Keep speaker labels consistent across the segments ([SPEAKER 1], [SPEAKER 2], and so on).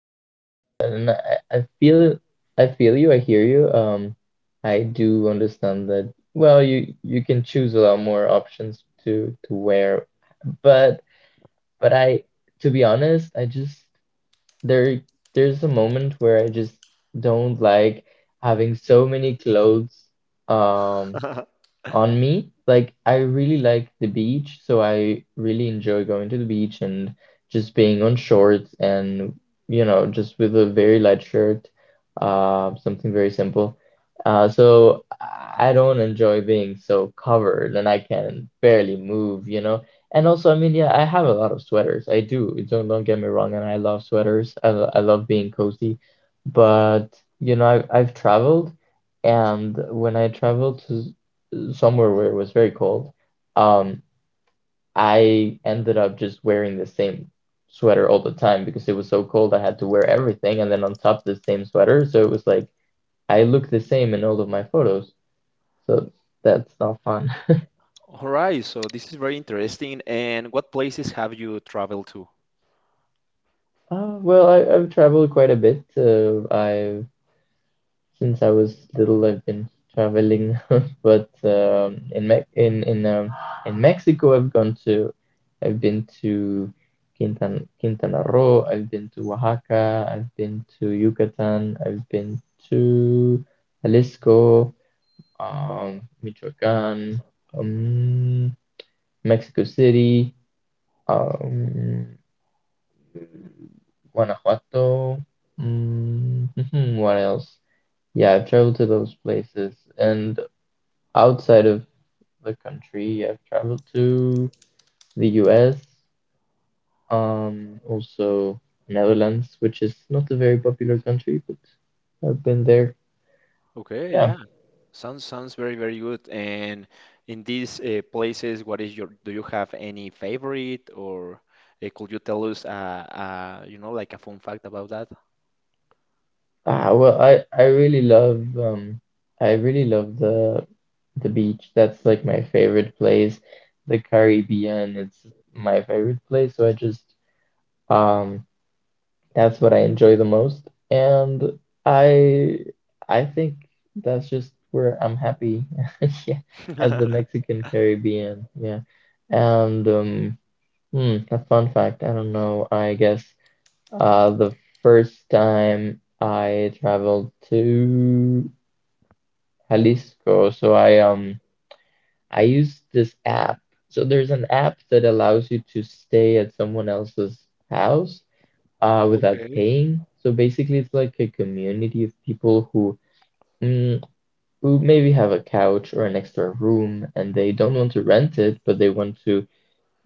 [SPEAKER 1] I do understand that, and I feel you, I hear you. I do understand that. Well, you can choose a lot more options to wear, but but I to be honest, I just there there's a moment where I just don't like having so many clothes. Um,
[SPEAKER 2] All
[SPEAKER 1] on me. Like I really like the beach, so I really enjoy going to the beach and just being on shorts and you know just with a very light shirt, something very simple. So I don't enjoy being so covered and I can barely move, you know. And also, I mean, yeah, I have a lot of sweaters. I do. Don't get me wrong, and I love sweaters. I love being cozy, but you know, I've traveled. And when I travel to somewhere where it was very cold, um, I ended up just wearing the same sweater all the time because it was so cold I had to wear everything and then on top the same sweater. So it was like I look the same in all of my photos. So that's not fun.
[SPEAKER 2] right, so this is very interesting. And what places have you traveled to?
[SPEAKER 1] Well, I've traveled quite a bit. I've Since I was little, I've been traveling, but in Me in Mexico, I've been to Quintana Roo, I've been to Oaxaca, I've been to Yucatan, I've been to Jalisco, Michoacán, um, Mexico City, um, Guanajuato. Mm, what else? Yeah, I've traveled to those places and outside of the country, I've traveled to the US, also Netherlands, which is not a very popular country, but I've been there.
[SPEAKER 2] Okay,
[SPEAKER 1] Yeah.
[SPEAKER 2] yeah, sounds very very good. And in these places, what is your do you have any favorite or could you tell us you know like a fun fact about that?
[SPEAKER 1] Well, I really love I really love the the beach. That's like my favorite place. The Caribbean, it's my favorite place, so I just um that's what I enjoy the most. And I I think that's just where I'm happy. Yeah, at the Mexican Caribbean. Yeah. And um a fun fact, I don't know. I guess the first time I traveled to Jalisco, so I used this app. So there's an app that allows you to stay at someone else's house without
[SPEAKER 2] Okay,
[SPEAKER 1] paying. So basically, it's like a community of people who mm, who maybe have a couch or an extra room and they don't want to rent it, but they want to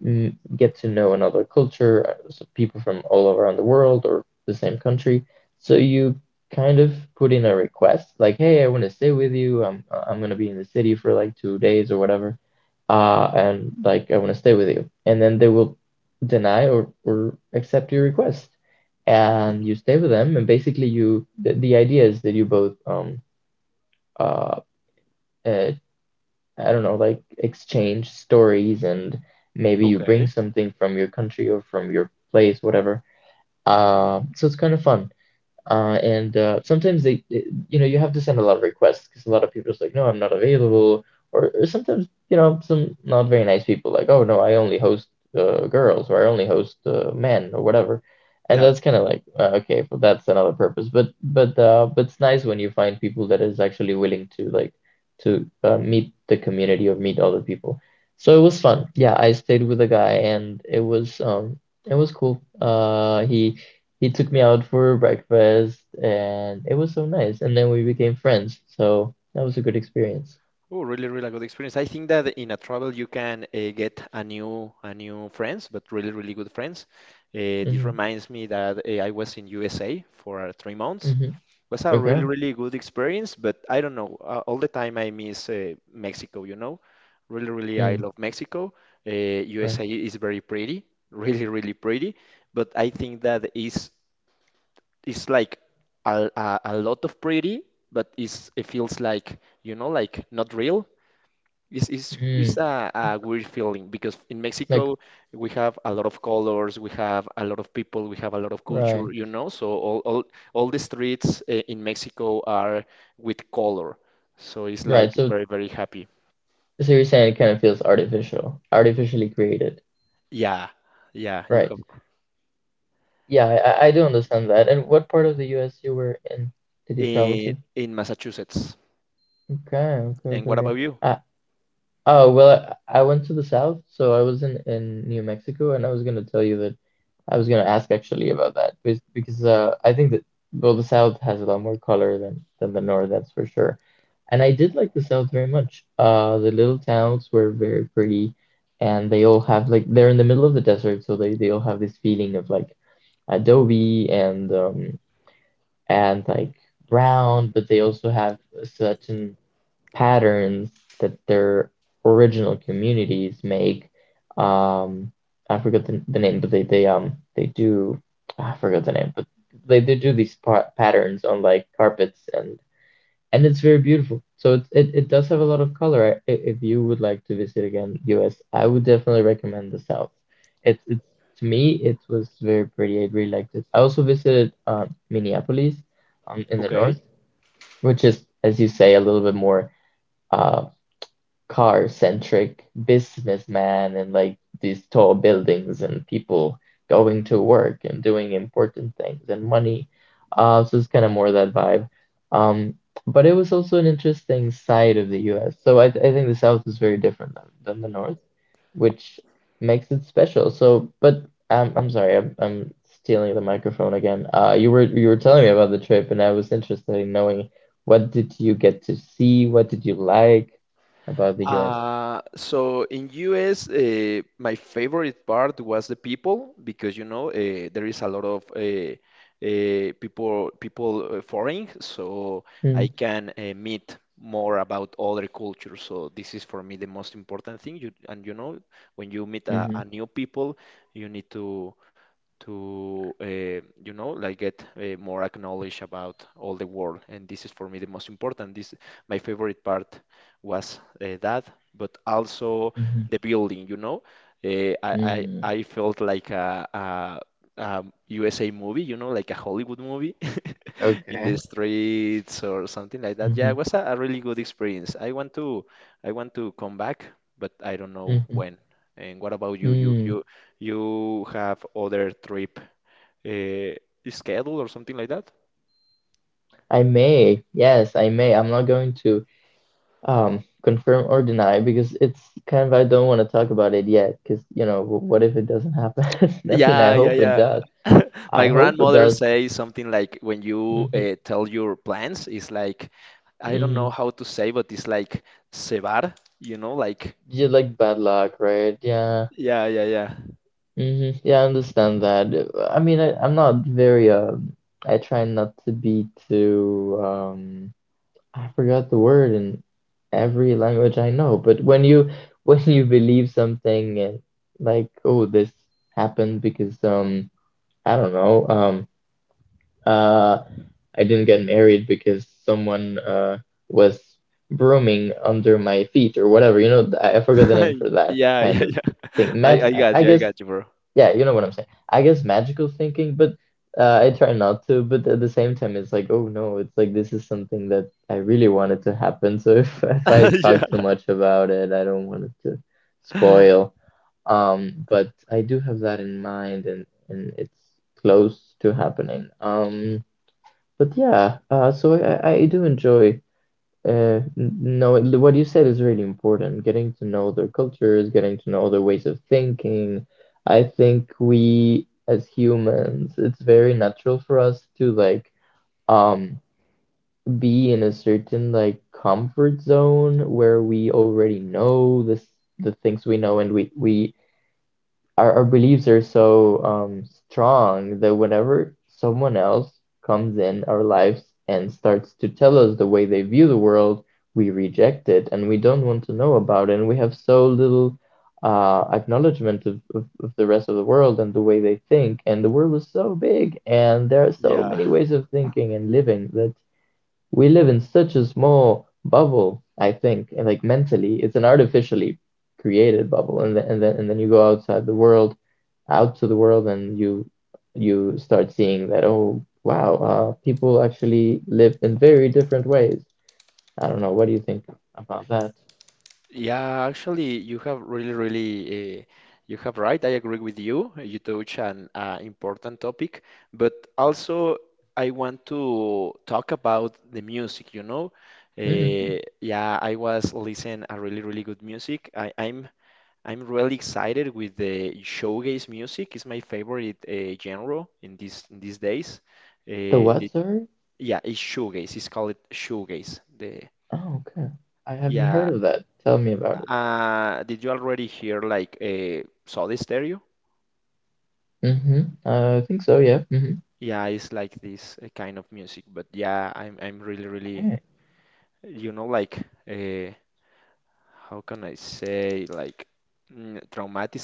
[SPEAKER 1] get to know another culture, so people from all around the world or the same country. So you kind of put in a request like, "Hey, I want to stay with you. I'm gonna be in the city for like 2 days or whatever, and like I want to stay with you." And then they will deny or accept your request, and you stay with them. And basically, the idea is that you both uh, uh I don't know, like exchange stories and maybe you bring
[SPEAKER 2] okay.
[SPEAKER 1] something from your country or from your place, whatever. So it's kind of fun. And sometimes you know, you have to send a lot of requests because a lot of people just like, no, I'm not available. Or sometimes, you know, some not very nice people like, oh no, I only host girls or I only host men or whatever. And
[SPEAKER 2] Yeah.
[SPEAKER 1] that's kind of like, okay, well, that's another purpose. But it's nice when you find people that is actually willing to like to meet the community or meet other people. So it was fun. Yeah, I stayed with a guy and it was cool. He he took me out for breakfast and it was so nice. And then we became friends. So that was a good experience.
[SPEAKER 2] Oh, really really good experience. I think that in a travel you can get a new friends, but really really good friends. This
[SPEAKER 1] Hmm.
[SPEAKER 2] reminds me that I was in USA for 3 months.
[SPEAKER 1] Hmm.
[SPEAKER 2] Was a really,
[SPEAKER 1] Okay.
[SPEAKER 2] really good experience, but I don't know. All the time I miss Mexico, you know. Really, really, I
[SPEAKER 1] Mm.
[SPEAKER 2] love Mexico.
[SPEAKER 1] Right.
[SPEAKER 2] USA is very pretty, really, really pretty. But I think that is it's like a lot of pretty, but it feels like, you know, like not real. It's
[SPEAKER 1] Mm.
[SPEAKER 2] a weird feeling because in
[SPEAKER 1] Like,
[SPEAKER 2] Mexico we have a lot of colors, we have a lot of people, we have a lot of
[SPEAKER 1] right.
[SPEAKER 2] culture, you know. So all the streets in Mexico are with color. So it's like
[SPEAKER 1] Right. So,
[SPEAKER 2] very, very happy.
[SPEAKER 1] so you're saying it kind of feels artificial, artificially created.
[SPEAKER 2] Yeah, yeah, you
[SPEAKER 1] Right.
[SPEAKER 2] have
[SPEAKER 1] Yeah, I do understand that. And what part of the US you were in did you travel to?
[SPEAKER 2] in Massachusetts.
[SPEAKER 1] Okay,
[SPEAKER 2] And what
[SPEAKER 1] okay.
[SPEAKER 2] about you?
[SPEAKER 1] I, Oh, well, I went to the south, so I was in New Mexico, and I was gonna tell you that I was gonna ask actually about that because I think that well, the south has a lot more color than the north, that's for sure. And I did like the south very much. The little towns were very pretty, and they all have like they're in the middle of the desert, so they all have this feeling of like adobe and and like brown, but they also have such an patterns that their original communities make. Um, I forgot the name, but they do I forgot the name, but they do these pa patterns on like carpets and it's very beautiful. So it does have a lot of color. If you would like to visit again US, I would definitely recommend the South. It's To me it was very pretty. I really liked it. I also visited Minneapolis in the
[SPEAKER 2] Okay.
[SPEAKER 1] north, which is as you say a little bit more uh car centric businessman and like these tall buildings and people going to work and doing important things and money. So it's kind of more that vibe. Um, but it was also an interesting side of the US. So I think the South is very different than the North, which makes it special. So, but I'm sorry, I'm stealing the microphone again. You were telling me about the trip, and I was interested in knowing what did you get to see? What did you like about the US?
[SPEAKER 2] So in US, my favorite part was the people because you know there is a lot of people foreign, so I
[SPEAKER 1] Mm.
[SPEAKER 2] can meet more about other cultures. So this is for me the most important thing. You, and you know when you meet a
[SPEAKER 1] Mhm.
[SPEAKER 2] new people, you need to to uh, you know like get more acknowledged about all the world and this is for me the most important this my favorite part was that but also
[SPEAKER 1] Mhm.
[SPEAKER 2] the building you know
[SPEAKER 1] Mm.
[SPEAKER 2] I felt like USA movie you know like a Hollywood movie in
[SPEAKER 1] Okay.
[SPEAKER 2] the streets or something like that. Yeah, it
[SPEAKER 1] Mhm.
[SPEAKER 2] was a really good experience. I want to come back but I don't know
[SPEAKER 1] Mhm.
[SPEAKER 2] when and what about you
[SPEAKER 1] Mm.
[SPEAKER 2] you have other trip uh, schedule or something like that?
[SPEAKER 1] I may. Yes, I may. I'm not going to confirm or deny because it's kind of I don't want to talk about it yet because what if it doesn't happen? I mean, I
[SPEAKER 2] Yeah, yeah,
[SPEAKER 1] hope it
[SPEAKER 2] yeah.
[SPEAKER 1] does.
[SPEAKER 2] My
[SPEAKER 1] I hope it
[SPEAKER 2] grandmother
[SPEAKER 1] does.
[SPEAKER 2] says something like when you
[SPEAKER 1] Mm-hmm.
[SPEAKER 2] tell your plans, it's like, I don't know
[SPEAKER 1] Mm-hmm.
[SPEAKER 2] how to say, but it's like cebar, you know, like,
[SPEAKER 1] You like bad luck, right? Yeah.
[SPEAKER 2] yeah, yeah, yeah.
[SPEAKER 1] Mm-hmm. Yeah, I understand that. I mean, I'm not very I try not to be too I forgot the word in every language I know, but when you when you believe something and like, oh, this happened because I don't know, uh I didn't get married because someone was brooming under my feet or whatever, you know, I forgot the name for that
[SPEAKER 2] Yeah,
[SPEAKER 1] kind
[SPEAKER 2] yeah,
[SPEAKER 1] of
[SPEAKER 2] yeah.
[SPEAKER 1] thing. I
[SPEAKER 2] I
[SPEAKER 1] guess
[SPEAKER 2] got you, bro.
[SPEAKER 1] yeah, you know what I'm saying. I guess magical thinking, but I try not to. But at the same time, it's like, oh no, it's like this is something that I really wanted to happen. So if if I
[SPEAKER 2] Yeah,
[SPEAKER 1] talk too much about it, I don't want it to spoil. But I do have that in mind, and it's close to happening. But yeah, so I do enjoy no, what you said is really important. Getting to know their cultures, getting to know their ways of thinking. I think we as humans, it's very natural for us to like um be in a certain like comfort zone where we already know this the things we know and we our beliefs are so strong that whenever someone else comes in our lives and starts to tell us the way they view the world, we reject it and we don't want to know about it. And we have so little acknowledgement of the rest of the world and the way they think. And the world is so big, and there are so
[SPEAKER 2] yeah.
[SPEAKER 1] many ways of thinking and living that we live in such a small bubble, I think, and like mentally, it's an artificially created bubble, and then you go outside the world, out to the world, and you start seeing that oh wow, people actually live in very different ways. I don't know. What do you think about that?
[SPEAKER 2] Yeah, actually, you have really, really, you have right. I agree with you. You touch an important topic, but also I want to talk about the music, you know.
[SPEAKER 1] Hmm.
[SPEAKER 2] Yeah, I was listening a really, really good music. I'm really excited with the showgaze music. It's my favorite genre in these days.
[SPEAKER 1] The
[SPEAKER 2] Uh,
[SPEAKER 1] what,
[SPEAKER 2] the,
[SPEAKER 1] sorry?
[SPEAKER 2] yeah, it's showgaze. It's called it showgaze. The
[SPEAKER 1] Oh, okay. I haven't
[SPEAKER 2] Yeah.
[SPEAKER 1] heard of that. Tell me about it.
[SPEAKER 2] Did you already hear like Soda Stereo?
[SPEAKER 1] Mm-hmm. I think so. Yeah. Hmm.
[SPEAKER 2] Yeah, it's like this kind of music, but yeah, I'm really really
[SPEAKER 1] Okay.
[SPEAKER 2] you know like uh, how can I say like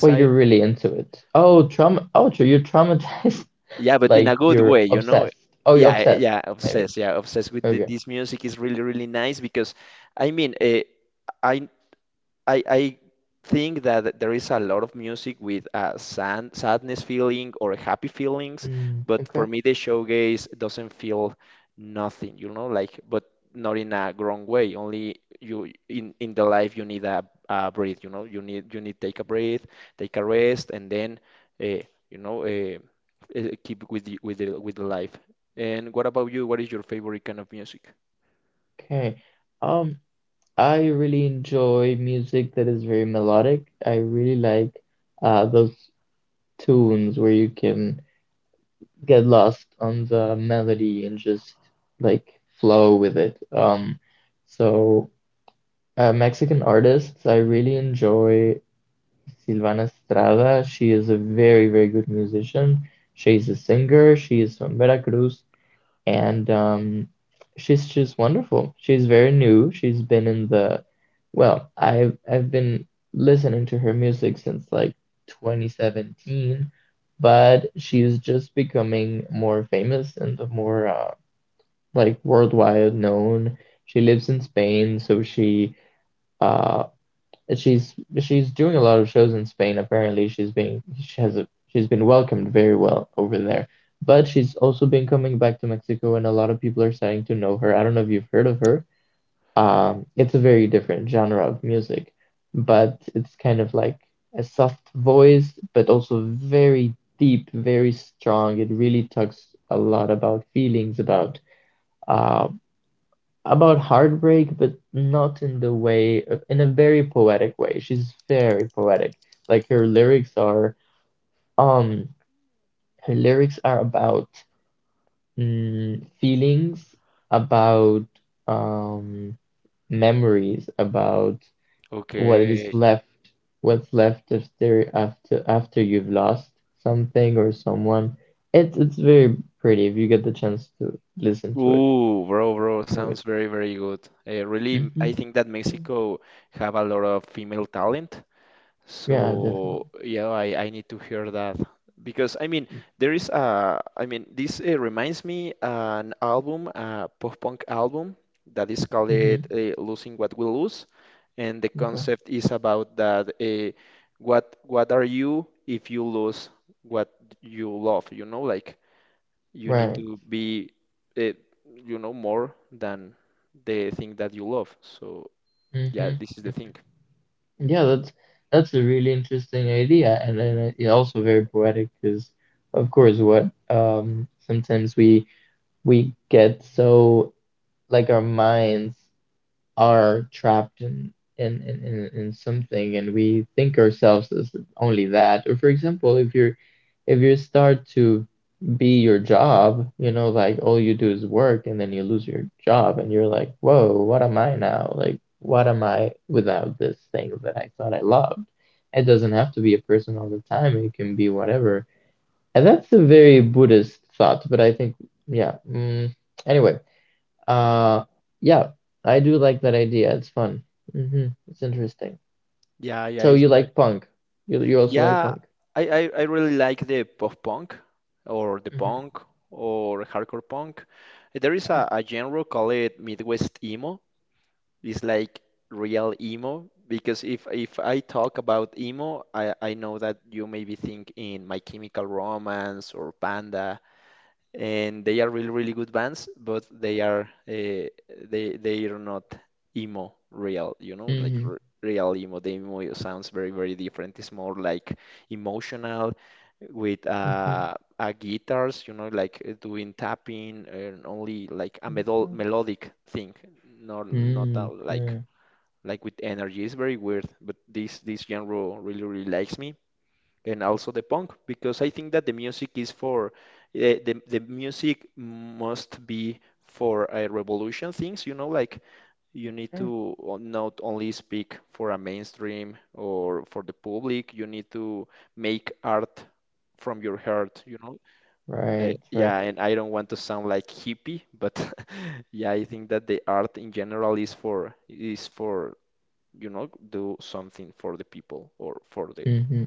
[SPEAKER 1] Well, you're really into it. Oh, trauma. Oh, so you're traumatized.
[SPEAKER 2] Yeah, but in
[SPEAKER 1] Like
[SPEAKER 2] a good
[SPEAKER 1] you're
[SPEAKER 2] way, you know.
[SPEAKER 1] obsessed. Oh, you're
[SPEAKER 2] Yeah,
[SPEAKER 1] obsessed,
[SPEAKER 2] yeah,
[SPEAKER 1] maybe.
[SPEAKER 2] obsessed. Yeah, obsessed with
[SPEAKER 1] Okay.
[SPEAKER 2] this music is really really nice because I mean, I I think that there is a lot of music with a sadness feeling or happy feelings,
[SPEAKER 1] Mm,
[SPEAKER 2] but for
[SPEAKER 1] okay.
[SPEAKER 2] me the shoegaze doesn't feel nothing, you know, like but not in a wrong way. Only you in the life you need a breathe, you know, you need take a breath, take a rest, and then uh, you know uh, keep with the with the with the life. And what about you? What is your favorite kind of music?
[SPEAKER 1] Okay. Um, I really enjoy music that is very melodic. I really like those tunes where you can get lost on the melody and just like flow with it. So Mexican artists, I really enjoy Silvana Estrada. She is a very, very good musician. She's a singer. She is from Veracruz. And She's just wonderful. She's very new. She's been in the, well, I've been listening to her music since like 2017, but she's just becoming more famous and the more like worldwide known. She lives in Spain, so she uh. And she's doing a lot of shows in Spain. Apparently, she's being she has a, she's been welcomed very well over there. But she's also been coming back to Mexico, and a lot of people are starting to know her. I don't know if you've heard of her. It's a very different genre of music, but it's kind of like a soft voice, but also very deep, very strong. It really talks a lot about feelings, uh, about heartbreak, but not in the way of, in a very poetic way. She's very poetic. Like her lyrics are um Her lyrics are about feelings, about um memories, about what is
[SPEAKER 2] Okay.
[SPEAKER 1] left, what's left after you've lost something or someone. It's very pretty if you get the chance to listen to it
[SPEAKER 2] Ooh, bro, bro,
[SPEAKER 1] to it.
[SPEAKER 2] sounds very, very good. Really,
[SPEAKER 1] hmm
[SPEAKER 2] I think that Mexico have a lot of female talent.
[SPEAKER 1] Yeah, definitely.
[SPEAKER 2] So yeah, I need to hear that because I mean there is a I mean this reminds me an album, a post-punk album that is called
[SPEAKER 1] hmm
[SPEAKER 2] "Losing What We Lose," and the
[SPEAKER 1] Okay.
[SPEAKER 2] concept is about that what are you if you lose what you love? You know, like. You need
[SPEAKER 1] Right.
[SPEAKER 2] to be, uh, you know, more than the thing that you love. So yeah,
[SPEAKER 1] Mm-hmm.
[SPEAKER 2] this is the thing.
[SPEAKER 1] Yeah, that's a really interesting idea, and then it also very poetic because, of course, what sometimes we get so like our minds are trapped in in something and we think ourselves as only that. Or for example, if you start to be your job, you know, like all you do is work and then you lose your job and you're like, whoa, what am I now? Like, what am I without this thing that I thought I loved? It doesn't have to be a person all the time, it can be whatever. And that's a very Buddhist thought, but I think, yeah. Anyway, uh, yeah, I do like that idea. It's fun. It's interesting.
[SPEAKER 2] Yeah, yeah,
[SPEAKER 1] So
[SPEAKER 2] it's
[SPEAKER 1] you
[SPEAKER 2] very.
[SPEAKER 1] like punk. You also like
[SPEAKER 2] Yeah,
[SPEAKER 1] punk.
[SPEAKER 2] I really like the pop punk or the
[SPEAKER 1] hmm
[SPEAKER 2] punk or hardcore punk. There is
[SPEAKER 1] Okay.
[SPEAKER 2] a genre called Midwest emo. It's like real emo because if I talk about emo, I know that you maybe think in My Chemical Romance or Panda and they are really really good bands, but uh, they are not emo real, you know, like
[SPEAKER 1] hmm
[SPEAKER 2] r real emo. The emo sounds very very different. It's more like emotional with
[SPEAKER 1] hmm
[SPEAKER 2] guitars, you know, like doing tapping and only like a medol
[SPEAKER 1] Okay.
[SPEAKER 2] melodic thing, not like
[SPEAKER 1] Okay.
[SPEAKER 2] with energy. It's very weird, but this genre really really likes me and also the punk because I think that the music is for the music must be for a revolution things, you know, like you need
[SPEAKER 1] Okay.
[SPEAKER 2] to not only speak for a mainstream or for the public, you need to make art from your heart, you know.
[SPEAKER 1] Right, right.
[SPEAKER 2] Yeah, and I don't want to sound like hippie, but yeah, I think that the art in general is for you know, do something for the people or for the
[SPEAKER 1] hmm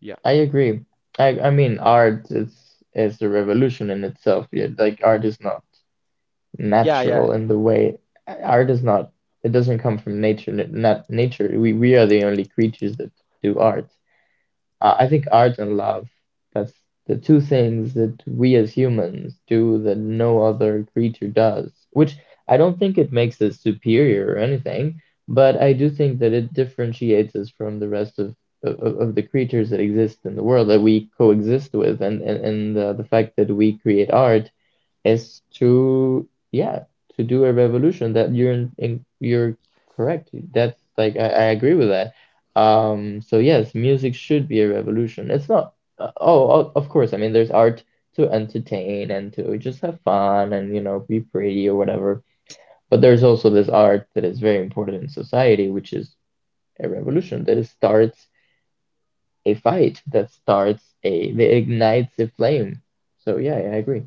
[SPEAKER 2] yeah.
[SPEAKER 1] I agree. I mean, art is a revolution in itself. Yeah, like art is not
[SPEAKER 2] Yeah, yeah,
[SPEAKER 1] natural in the way art is not. It doesn't come from nature. Not nature. We are the only creatures that do art. I think art and love, that's the two things that we as humans do that no other creature does, which I don't think it makes us superior or anything, but I do think that it differentiates us from the rest of of the creatures that exist in the world that we coexist with, and the fact that we create art is to yeah to do a revolution that you're in you're correct. That's like I agree with that. So yes, music should be a revolution. It's not of course, I mean, there's art to entertain and to just have fun and, you know, be pretty or whatever, but there's also this art that is very important in society, which is a revolution that starts a fight, that starts a that ignites a flame. So yeah, I agree.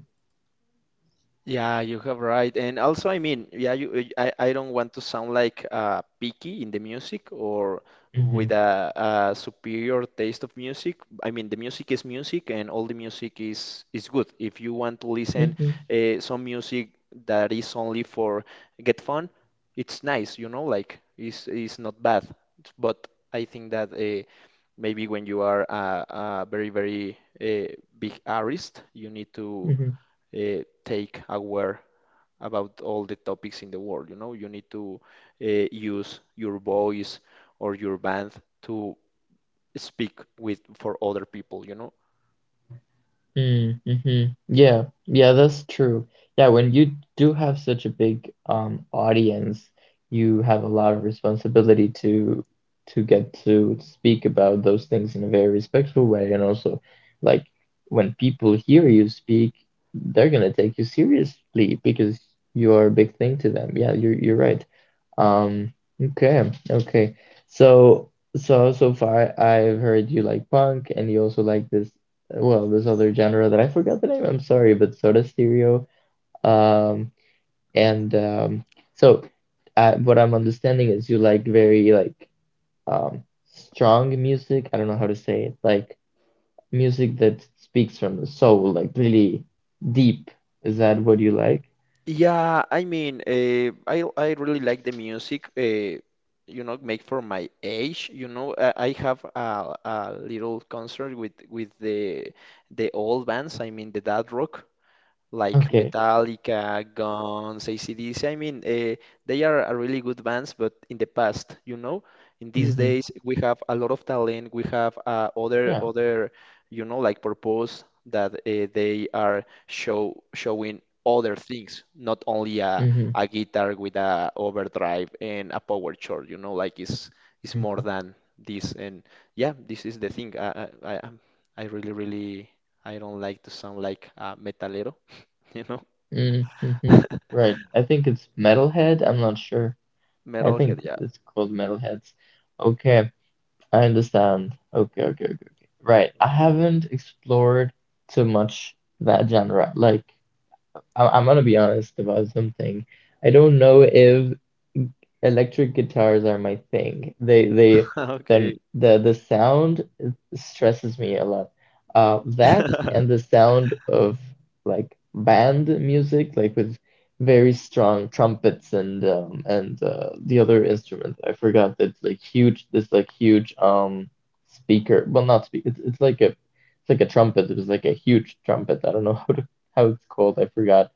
[SPEAKER 2] yeah, you have right. And also, I mean, yeah, you, I don't want to sound like picky in the music or
[SPEAKER 1] hmm
[SPEAKER 2] with a superior taste of music. I mean, the music is music, and all the music is good. If you want to listen
[SPEAKER 1] hmm
[SPEAKER 2] some music that is only for get fun, it's nice, you know, like it's not bad. But I think that maybe when you are a very, very big artist, you need to
[SPEAKER 1] hmm
[SPEAKER 2] take aware about all the topics in the world. You know, you need to use your voice or your band to speak with for other people, you know.
[SPEAKER 1] Mm, mhm. Yeah, yeah, that's true. Yeah, when you do have such a big audience, you have a lot of responsibility to get to speak about those things in a very respectful way, and also like when people hear you speak, they're gonna take you seriously because you're a big thing to them. Yeah, you're right. Um, okay, okay. So, so so far I've heard you like punk and you also like this, well, this other genre that I forgot the name. I'm sorry, but Soda Stereo. Um, and so What I'm understanding is you like very like strong music. I don't know how to say it. Like music that speaks from the soul, like really deep. Is that what you like?
[SPEAKER 2] Yeah, I mean, I really like the music. You know, make for my age. You know, I have a little concert with the old bands. I mean, the dad rock. Like
[SPEAKER 1] Okay.
[SPEAKER 2] Metallica, Guns, they are a really good bands, but in the past, you know, in these
[SPEAKER 1] Mm-hmm.
[SPEAKER 2] days we have a lot of talent. We have
[SPEAKER 1] Yeah.
[SPEAKER 2] other, you know, like purpose that they are showing other things, not only
[SPEAKER 1] Mm-hmm.
[SPEAKER 2] a guitar with a overdrive and a power chord. You know, like it's more
[SPEAKER 1] Okay.
[SPEAKER 2] than this. And yeah, this is the thing. I really really I don't like to sound like a metalero, you know?
[SPEAKER 1] Mm-hmm. Right. I think it's Metalhead. I'm not sure. I
[SPEAKER 2] Metalhead,
[SPEAKER 1] think
[SPEAKER 2] yeah.
[SPEAKER 1] it's called Metalheads. Okay, I understand. Okay, okay, okay, okay. Right. I haven't explored too much that genre. Like, I'm gonna be honest about something. I don't know if electric guitars are my thing. They
[SPEAKER 2] Okay.
[SPEAKER 1] then the sound stresses me a lot. That and the sound of like band music, like with very strong trumpets and the other instruments. I forgot that's like huge. This like huge speaker. Well, not speak. It's like a trumpet. It was like a huge trumpet. I don't know how to, how it's called. I forgot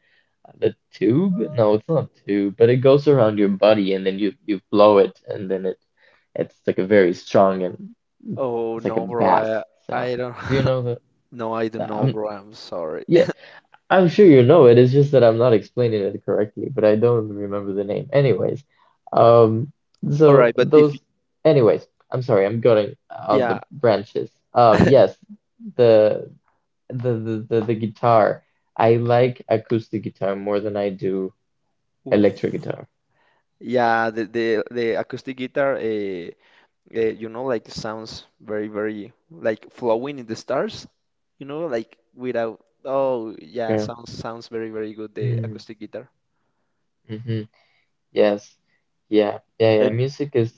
[SPEAKER 1] the tube? No, it's not a tube, but it goes around your body and then you blow it and then it's like a very strong and
[SPEAKER 2] Oh
[SPEAKER 1] it's like a
[SPEAKER 2] no, bro.
[SPEAKER 1] bass sound.
[SPEAKER 2] I don't.
[SPEAKER 1] Do you know that?
[SPEAKER 2] No, I don't know,
[SPEAKER 1] I'm
[SPEAKER 2] bro. I'm sorry.
[SPEAKER 1] Yeah, I'm sure you know it. It's just that I'm not explaining it correctly, but I don't remember the name. Anyways, um,
[SPEAKER 2] All
[SPEAKER 1] so
[SPEAKER 2] right, but if
[SPEAKER 1] those. Anyways, I'm sorry. I'm going out
[SPEAKER 2] yeah.
[SPEAKER 1] the branches. Yes, the the guitar. I like acoustic guitar more than I do electric
[SPEAKER 2] Oof.
[SPEAKER 1] guitar.
[SPEAKER 2] Yeah, the acoustic guitar you know like sounds very very like flowing in the stars, you know, like without. Oh yeah,
[SPEAKER 1] Okay.
[SPEAKER 2] sounds very very good the
[SPEAKER 1] Mm,
[SPEAKER 2] acoustic guitar.
[SPEAKER 1] mm-hmm. Yes. Yeah. Yeah. Yeah.
[SPEAKER 2] And
[SPEAKER 1] Music is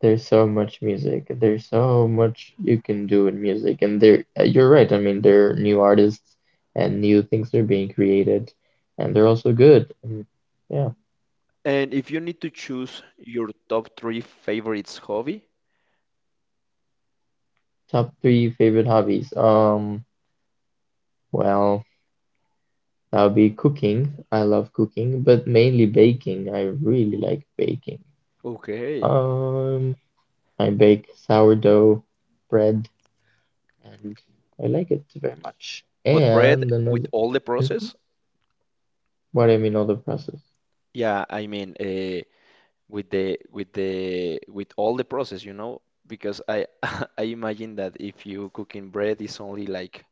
[SPEAKER 1] There's so much music. There's so much you can do in music, and there you're right. I mean, there are new artists and new things are being created, and they're also good. And yeah,
[SPEAKER 2] and if you need to choose your top three favorites hobby,
[SPEAKER 1] top three favorite hobbies. Well, that would be cooking. I love cooking, but mainly baking. I really like baking.
[SPEAKER 2] okay.
[SPEAKER 1] Um, I bake sourdough bread and I like it very much.
[SPEAKER 2] But bread
[SPEAKER 1] And
[SPEAKER 2] with
[SPEAKER 1] another,
[SPEAKER 2] all the
[SPEAKER 1] Mhm.
[SPEAKER 2] process,
[SPEAKER 1] What do you mean other process?
[SPEAKER 2] yeah, I mean, with the with the with all the process, you know, because I I imagine that if you cooking bread, it's only like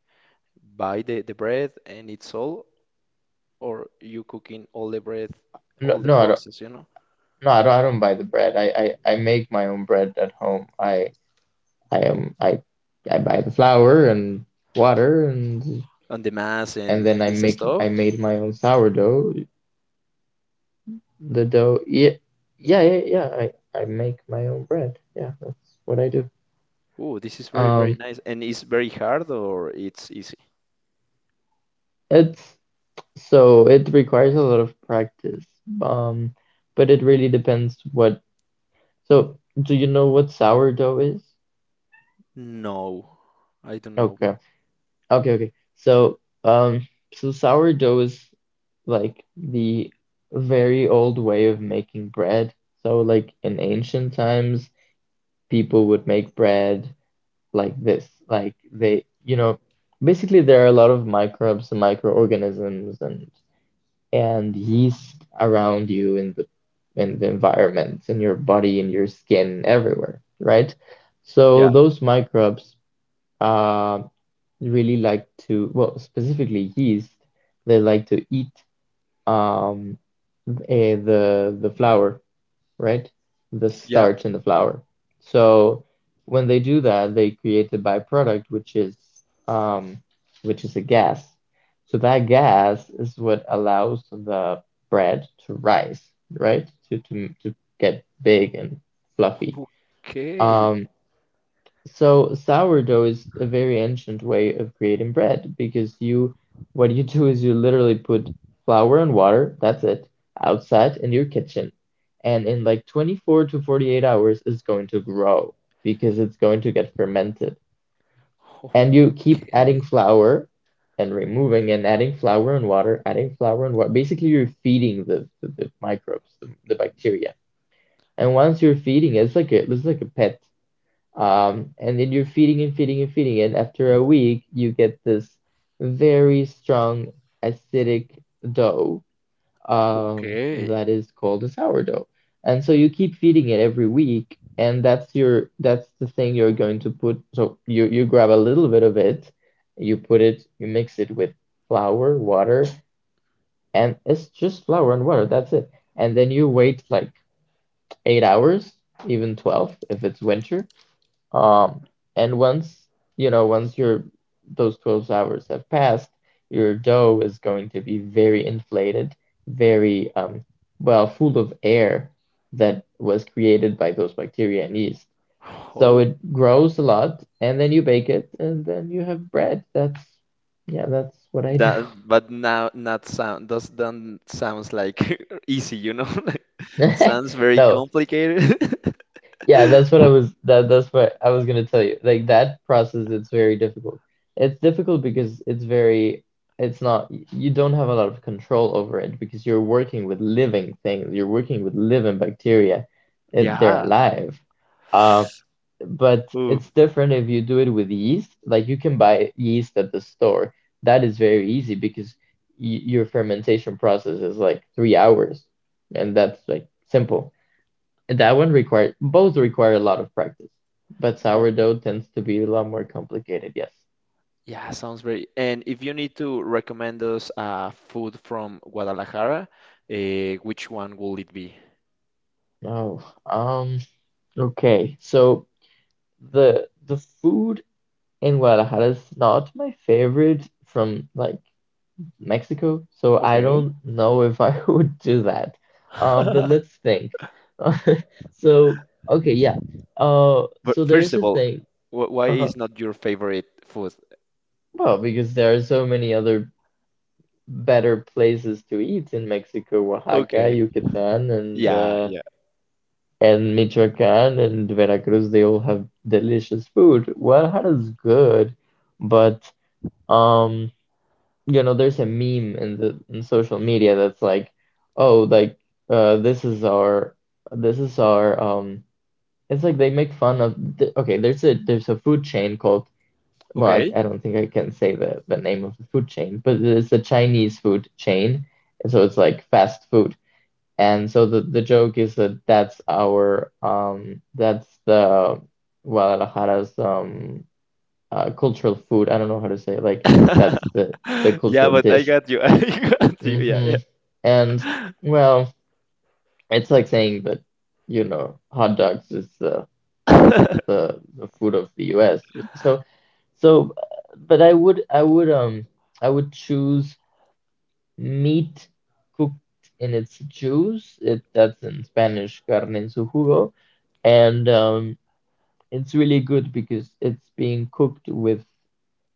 [SPEAKER 2] buy the bread and it's all, or you cooking all the bread,
[SPEAKER 1] No,
[SPEAKER 2] all the
[SPEAKER 1] no, I don't.
[SPEAKER 2] process, you know,
[SPEAKER 1] No, I don't. I don't buy the bread. I make my own bread at home. I am I buy the flour and water
[SPEAKER 2] and the mass
[SPEAKER 1] and
[SPEAKER 2] and
[SPEAKER 1] then
[SPEAKER 2] this stuff.
[SPEAKER 1] I made my own sourdough. The dough. Yeah, yeah, yeah, yeah. I make my own bread. Yeah, that's what I do.
[SPEAKER 2] Oh, this is very very
[SPEAKER 1] Um,
[SPEAKER 2] nice, and it's very hard or it's easy.
[SPEAKER 1] it's So it requires a lot of practice. Um, but it really depends what. So, do you know what sourdough is?
[SPEAKER 2] No, I don't know,
[SPEAKER 1] Okay.
[SPEAKER 2] bro.
[SPEAKER 1] Okay, okay. Um, so sourdough is like the very old way of making bread. So, like in ancient times, people would make bread like this. Like they, you know, basically there are a lot of microbes and microorganisms and yeast around you in the environment, in your body, in your skin, everywhere, right? So
[SPEAKER 2] Yeah,
[SPEAKER 1] those microbes uh, really like to, well, specifically yeast, they like to eat um, the flour, right? The
[SPEAKER 2] yeah.
[SPEAKER 1] starch in the flour. So when they do that, they create a byproduct, um, which is a gas. So that gas is what allows the bread to rise, right? To get big and fluffy.
[SPEAKER 2] Okay.
[SPEAKER 1] Um, so sourdough is a very ancient way of creating bread because you what you do is you literally put flour and water, that's it, outside in your kitchen. And in like 24 to 48 hours it's going to grow because it's going to get fermented. And you keep adding
[SPEAKER 2] Okay.
[SPEAKER 1] flour and removing and adding flour and water, adding flour and water. Basically you're feeding the microbes, the bacteria. And once you're feeding it, it's like a pet and then you're feeding and feeding and feeding, and after a week, you get this very strong acidic dough
[SPEAKER 2] Okay.
[SPEAKER 1] that is called a sourdough. And so you keep feeding it every week, and that's your that's the thing you're going to put. So you grab a little bit of it, you put it, you mix it with flour, water, and it's just flour and water. That's it. And then you wait like 8 hours, even 12 if it's winter um, and once, you know, once your those 12 hours have passed, your dough is going to be very inflated, very well, full of air that was created by those bacteria and yeast. So
[SPEAKER 2] Oh,
[SPEAKER 1] it grows a lot, and then you bake it, and then you have bread. That's, yeah, that's what I do.
[SPEAKER 2] that, but now not sound does don't sounds like easy, you know? Like, sounds very
[SPEAKER 1] No,
[SPEAKER 2] complicated.
[SPEAKER 1] yeah, that's what I was that's what I was gonna tell you. Like that process, it's very difficult. It's difficult because it's very it's not you don't have a lot of control over it because you're working with living things. You're working with living bacteria. They're
[SPEAKER 2] Yeah.
[SPEAKER 1] alive. Uh, but
[SPEAKER 2] Oof.
[SPEAKER 1] it's different if you do it with yeast. Like you can buy yeast at the store. That is very easy because y your fermentation process is like 3 hours, and that's like simple that one required both require a lot of practice, but
[SPEAKER 2] Yeah.
[SPEAKER 1] sourdough tends to be a lot more complicated. Yes.
[SPEAKER 2] Yeah, sounds very. And if you need to recommend us food from Guadalajara, which one will it be?
[SPEAKER 1] Oh, um, okay. So the food in Guadalajara is not my favorite from like Mexico, so I don't know if I would do that. But let's think. So okay, yeah. Uh,
[SPEAKER 2] But
[SPEAKER 1] so
[SPEAKER 2] first
[SPEAKER 1] there's
[SPEAKER 2] of
[SPEAKER 1] a
[SPEAKER 2] all,
[SPEAKER 1] thing.
[SPEAKER 2] wh why
[SPEAKER 1] Uh-huh.
[SPEAKER 2] is not your favorite food?
[SPEAKER 1] Well, because there are so many other better places to eat in Mexico, Oaxaca,
[SPEAKER 2] Okay.
[SPEAKER 1] Yucatan, and
[SPEAKER 2] Yeah,
[SPEAKER 1] uh,
[SPEAKER 2] yeah.
[SPEAKER 1] and Michoacan and Veracruz. They all have delicious food. Guadalajara is good, but um, you know, there's a meme in the in social media that's like, oh, like this is our this is our um. It's like they make fun of. Okay, there's a food chain called well,
[SPEAKER 2] Okay.
[SPEAKER 1] I don't think I can say the name of the food chain, but it's a Chinese food chain. So it's like fast food. And so the joke is that that's our, that's the Guadalajara's cultural food. I don't know how to say it. Like that's the
[SPEAKER 2] Yeah,
[SPEAKER 1] cultural
[SPEAKER 2] but I
[SPEAKER 1] dish.
[SPEAKER 2] got you. I got you. Yeah.
[SPEAKER 1] hmm And well, it's like saying that, you know, hot dogs is the the food of the US. So so, but I would choose meat cooked in its juice. It That's in Spanish carne en su jugo, and it's really good because it's being cooked with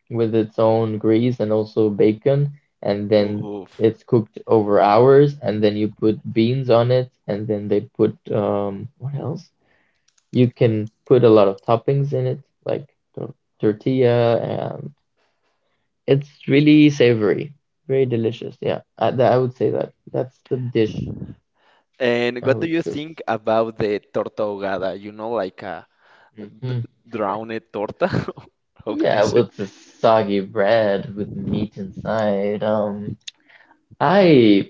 [SPEAKER 1] its own grease and also bacon, and then
[SPEAKER 2] Oof.
[SPEAKER 1] it's cooked over hours, and then you put beans on it, and then they put what else? You can put a lot of toppings in it, like tor- tortilla, and it's really savory, very delicious. Yeah, I would say that that's the dish
[SPEAKER 2] And
[SPEAKER 1] I
[SPEAKER 2] what do
[SPEAKER 1] would
[SPEAKER 2] you
[SPEAKER 1] choose.
[SPEAKER 2] think about the torta ahogada? You know, like a n-
[SPEAKER 1] Hmm
[SPEAKER 2] drowned torta? How can I
[SPEAKER 1] Yeah,
[SPEAKER 2] say?
[SPEAKER 1] with the soggy bread with meat inside. I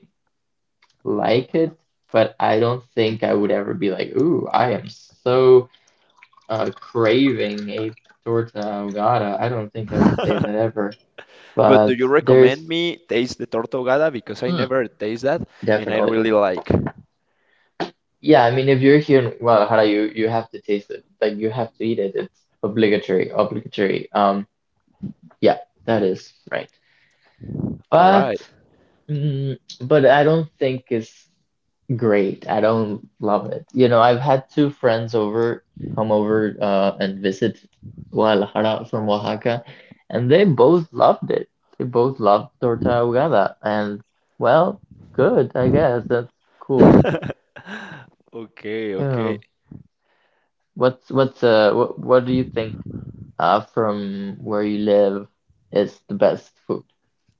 [SPEAKER 1] like it, but I don't think I would ever be like, ooh, I am so craving a torta ahogada. I don't think I would say that ever.
[SPEAKER 2] But do
[SPEAKER 1] But
[SPEAKER 2] you
[SPEAKER 1] there's
[SPEAKER 2] recommend me taste the torta ahogada? Because I
[SPEAKER 1] mm,
[SPEAKER 2] never taste that and I
[SPEAKER 1] definitely.
[SPEAKER 2] really like.
[SPEAKER 1] Yeah, I mean, if you're here in Guadalajara, you have to taste it. Like you have to eat it. It's obligatory, obligatory. Yeah, that is right.
[SPEAKER 2] All
[SPEAKER 1] But
[SPEAKER 2] right.
[SPEAKER 1] mm, but I don't think it's great. I don't love it. You know, I've had two friends over come over and visit Guadalajara from Oaxaca, and they both loved it. They both loved torta ahogada, and well, good, I guess that's cool.
[SPEAKER 2] Okay,
[SPEAKER 1] Yeah.
[SPEAKER 2] okay.
[SPEAKER 1] What, what do you think from where you live is the best food?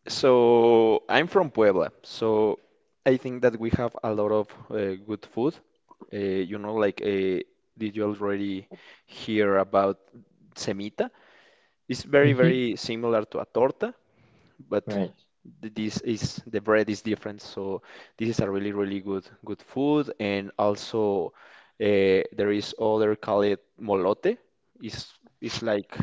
[SPEAKER 2] So I'm from Puebla, so I think that we have a lot of good food. You know, like did you already hear about semita? It's very,
[SPEAKER 1] Mm-hmm.
[SPEAKER 2] very similar to a torta, but
[SPEAKER 1] Right.
[SPEAKER 2] this is the bread is different. So this is a really, really good, good food. And also there is other called molote. It's it's like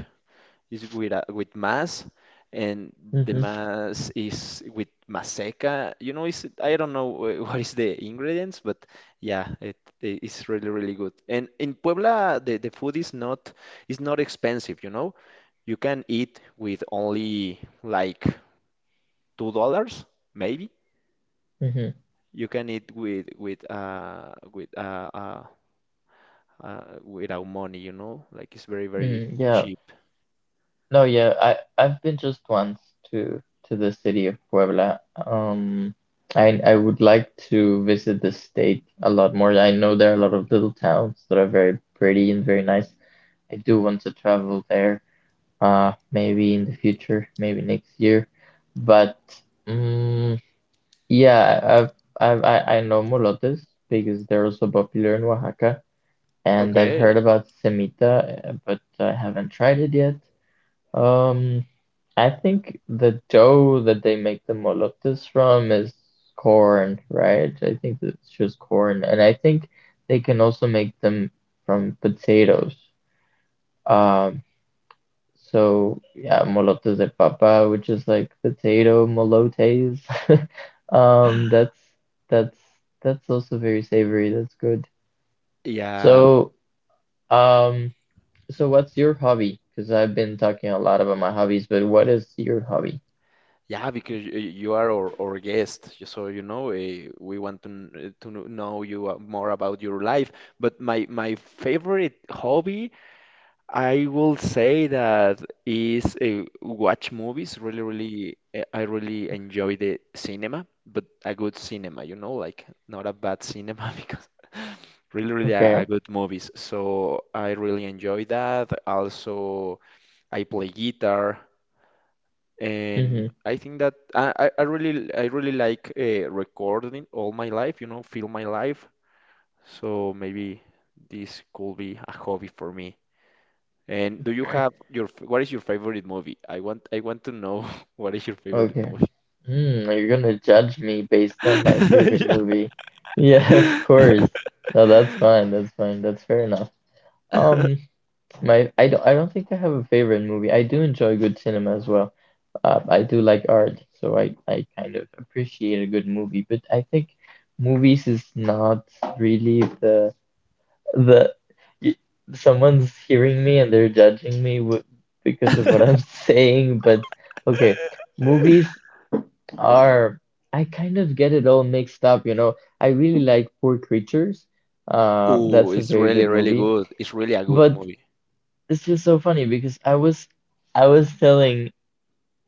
[SPEAKER 2] is with mass, and the
[SPEAKER 1] Mm-hmm.
[SPEAKER 2] mass is with Maseca. You know, is I don't know what is the ingredients, but yeah, it is really really good. And in Puebla, the food is not expensive. You know, you can eat with only like $2 maybe.
[SPEAKER 1] Mm-hmm.
[SPEAKER 2] You can eat without money. You know, like it's very very
[SPEAKER 1] Mm, yeah.
[SPEAKER 2] cheap.
[SPEAKER 1] No, yeah, I I've been just once to to the city of Puebla. Um, I would like to visit the state a lot more. I know there are a lot of little towns that are very pretty and very nice. I do want to travel there. Maybe in the future, maybe next year. But um, yeah, I know molotes because they're also popular in Oaxaca, and I've heard
[SPEAKER 2] Okay.
[SPEAKER 1] about semita, but I haven't tried it yet. Um, I think the dough that they make the molotjes from is corn, right? I think that it's just corn, and I think they can also make them from potatoes. Um, so yeah, molotes de papa, which is like potato molotes. Um, that's that's that's also very savory. That's good.
[SPEAKER 2] Yeah,
[SPEAKER 1] So, um, so what's your hobby? Because I've been talking a lot about my hobbies, but what is your hobby?
[SPEAKER 2] yeah, because you are our guest, just so you know, we want to know you more about your life. But my favorite hobby, I will say that is watch movies. Really, really, I really enjoy the cinema, but a good cinema, you know, like not a bad cinema because really, really
[SPEAKER 1] Okay.
[SPEAKER 2] a good movies. So I really enjoy that. Also, I play guitar. And
[SPEAKER 1] Mm-hmm.
[SPEAKER 2] I think that I really like recording all my life, you know, film my life. So maybe this could be a hobby for me. And do you
[SPEAKER 1] Okay.
[SPEAKER 2] have your what is your favorite movie? I want to know what is your favorite
[SPEAKER 1] Okay.
[SPEAKER 2] movie.
[SPEAKER 1] Hmm, you're gonna judge me based on my favorite
[SPEAKER 2] Yeah.
[SPEAKER 1] movie. Yeah, of course. No, that's fine. That's fine. That's fair enough. Um, my I don't think I have a favorite movie. I do enjoy good cinema as well. I do like art, so I kind of appreciate a good movie, but I think movies is not really that y- someone's hearing me and they're judging me w because of what I'm saying, but okay, movies are I kind of get it all mixed up, you know. I really like Poor Creatures.
[SPEAKER 2] Oh,
[SPEAKER 1] That's a
[SPEAKER 2] it's
[SPEAKER 1] very good
[SPEAKER 2] really really
[SPEAKER 1] movie,
[SPEAKER 2] good. It's really a good
[SPEAKER 1] but
[SPEAKER 2] movie.
[SPEAKER 1] it's just so funny because I was telling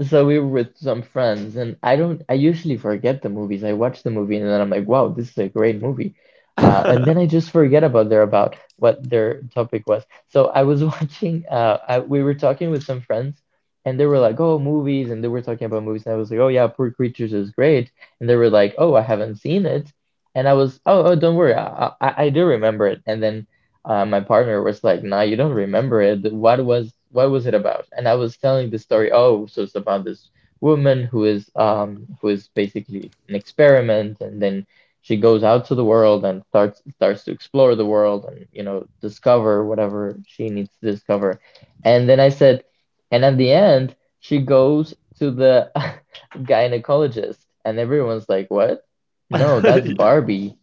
[SPEAKER 1] so we were with some friends, and I don't, I usually forget the movies. I watch the movie and then I'm like, wow, this is a great movie. And then I just forget about their about what their topic was. So I was watching, we were talking with some friends, and they were like, oh, movies, and they were talking about movies, and I was like, oh yeah, Poor Creatures is great, and they were like, oh, I haven't seen it, and I was, oh, don't worry, I do remember it, and then my partner was like, "Nah, you don't remember it. What was it about?" And I was telling the story. Oh, so it's about this woman who is basically an experiment, and then she goes out to the world and starts to explore the world and you know discover whatever she needs to discover. And then I said, and at the end, she goes to the gynecologist, and everyone's like, "What? No, that's Barbie."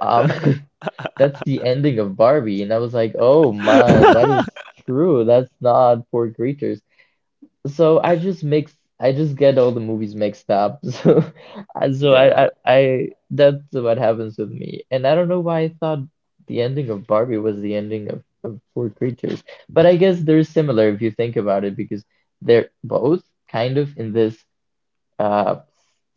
[SPEAKER 1] Um, That's the ending of Barbie. And I was like, oh my, that is true. That's not Poor Creatures. So I just get all the movies mixed up. So
[SPEAKER 2] Yeah.
[SPEAKER 1] I, that's what happens with me. And I don't know why I thought the ending of Barbie was the ending of Poor Creatures. But I guess they're similar if you think about it, because they're both kind of in this uh,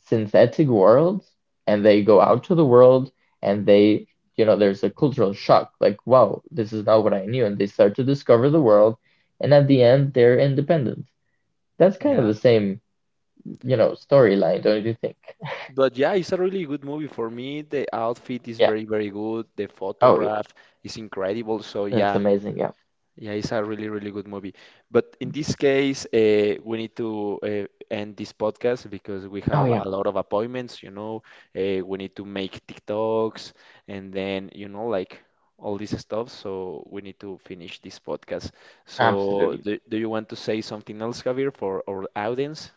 [SPEAKER 1] synthetic world and they go out to the world and they you know there's a cultural shock like wow this is not what I knew and they start to discover the world and at the end they're independent that's kind of
[SPEAKER 2] Yeah.
[SPEAKER 1] the same you know storyline don't you think
[SPEAKER 2] But yeah, it's a really good movie for me. The outfit is
[SPEAKER 1] yeah
[SPEAKER 2] very, very good. The
[SPEAKER 1] oh yeah
[SPEAKER 2] photograph is incredible. So
[SPEAKER 1] that's
[SPEAKER 2] yeah,
[SPEAKER 1] amazing yeah
[SPEAKER 2] yeah, it's a really, really good movie. But in this case, we need to end this podcast because we
[SPEAKER 1] oh
[SPEAKER 2] have
[SPEAKER 1] yeah
[SPEAKER 2] a lot of appointments. You know, we need to make TikToks and then you know like all this stuff. So we need to finish this podcast. So
[SPEAKER 1] absolutely
[SPEAKER 2] do you want to say something else, Javier, for our audience?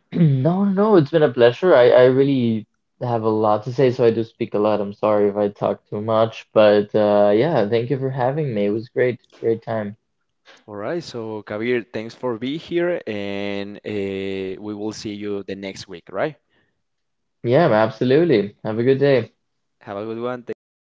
[SPEAKER 1] no no it's been a pleasure i really have a lot to say so I do speak a lot I'm sorry if I talk too much but yeah thank you for having me it was great great time
[SPEAKER 2] All right, so Kabir, thanks for being here, and we will see you the next week, right?
[SPEAKER 1] Yeah, absolutely. Have a good day.
[SPEAKER 2] Have a good one. Thank you.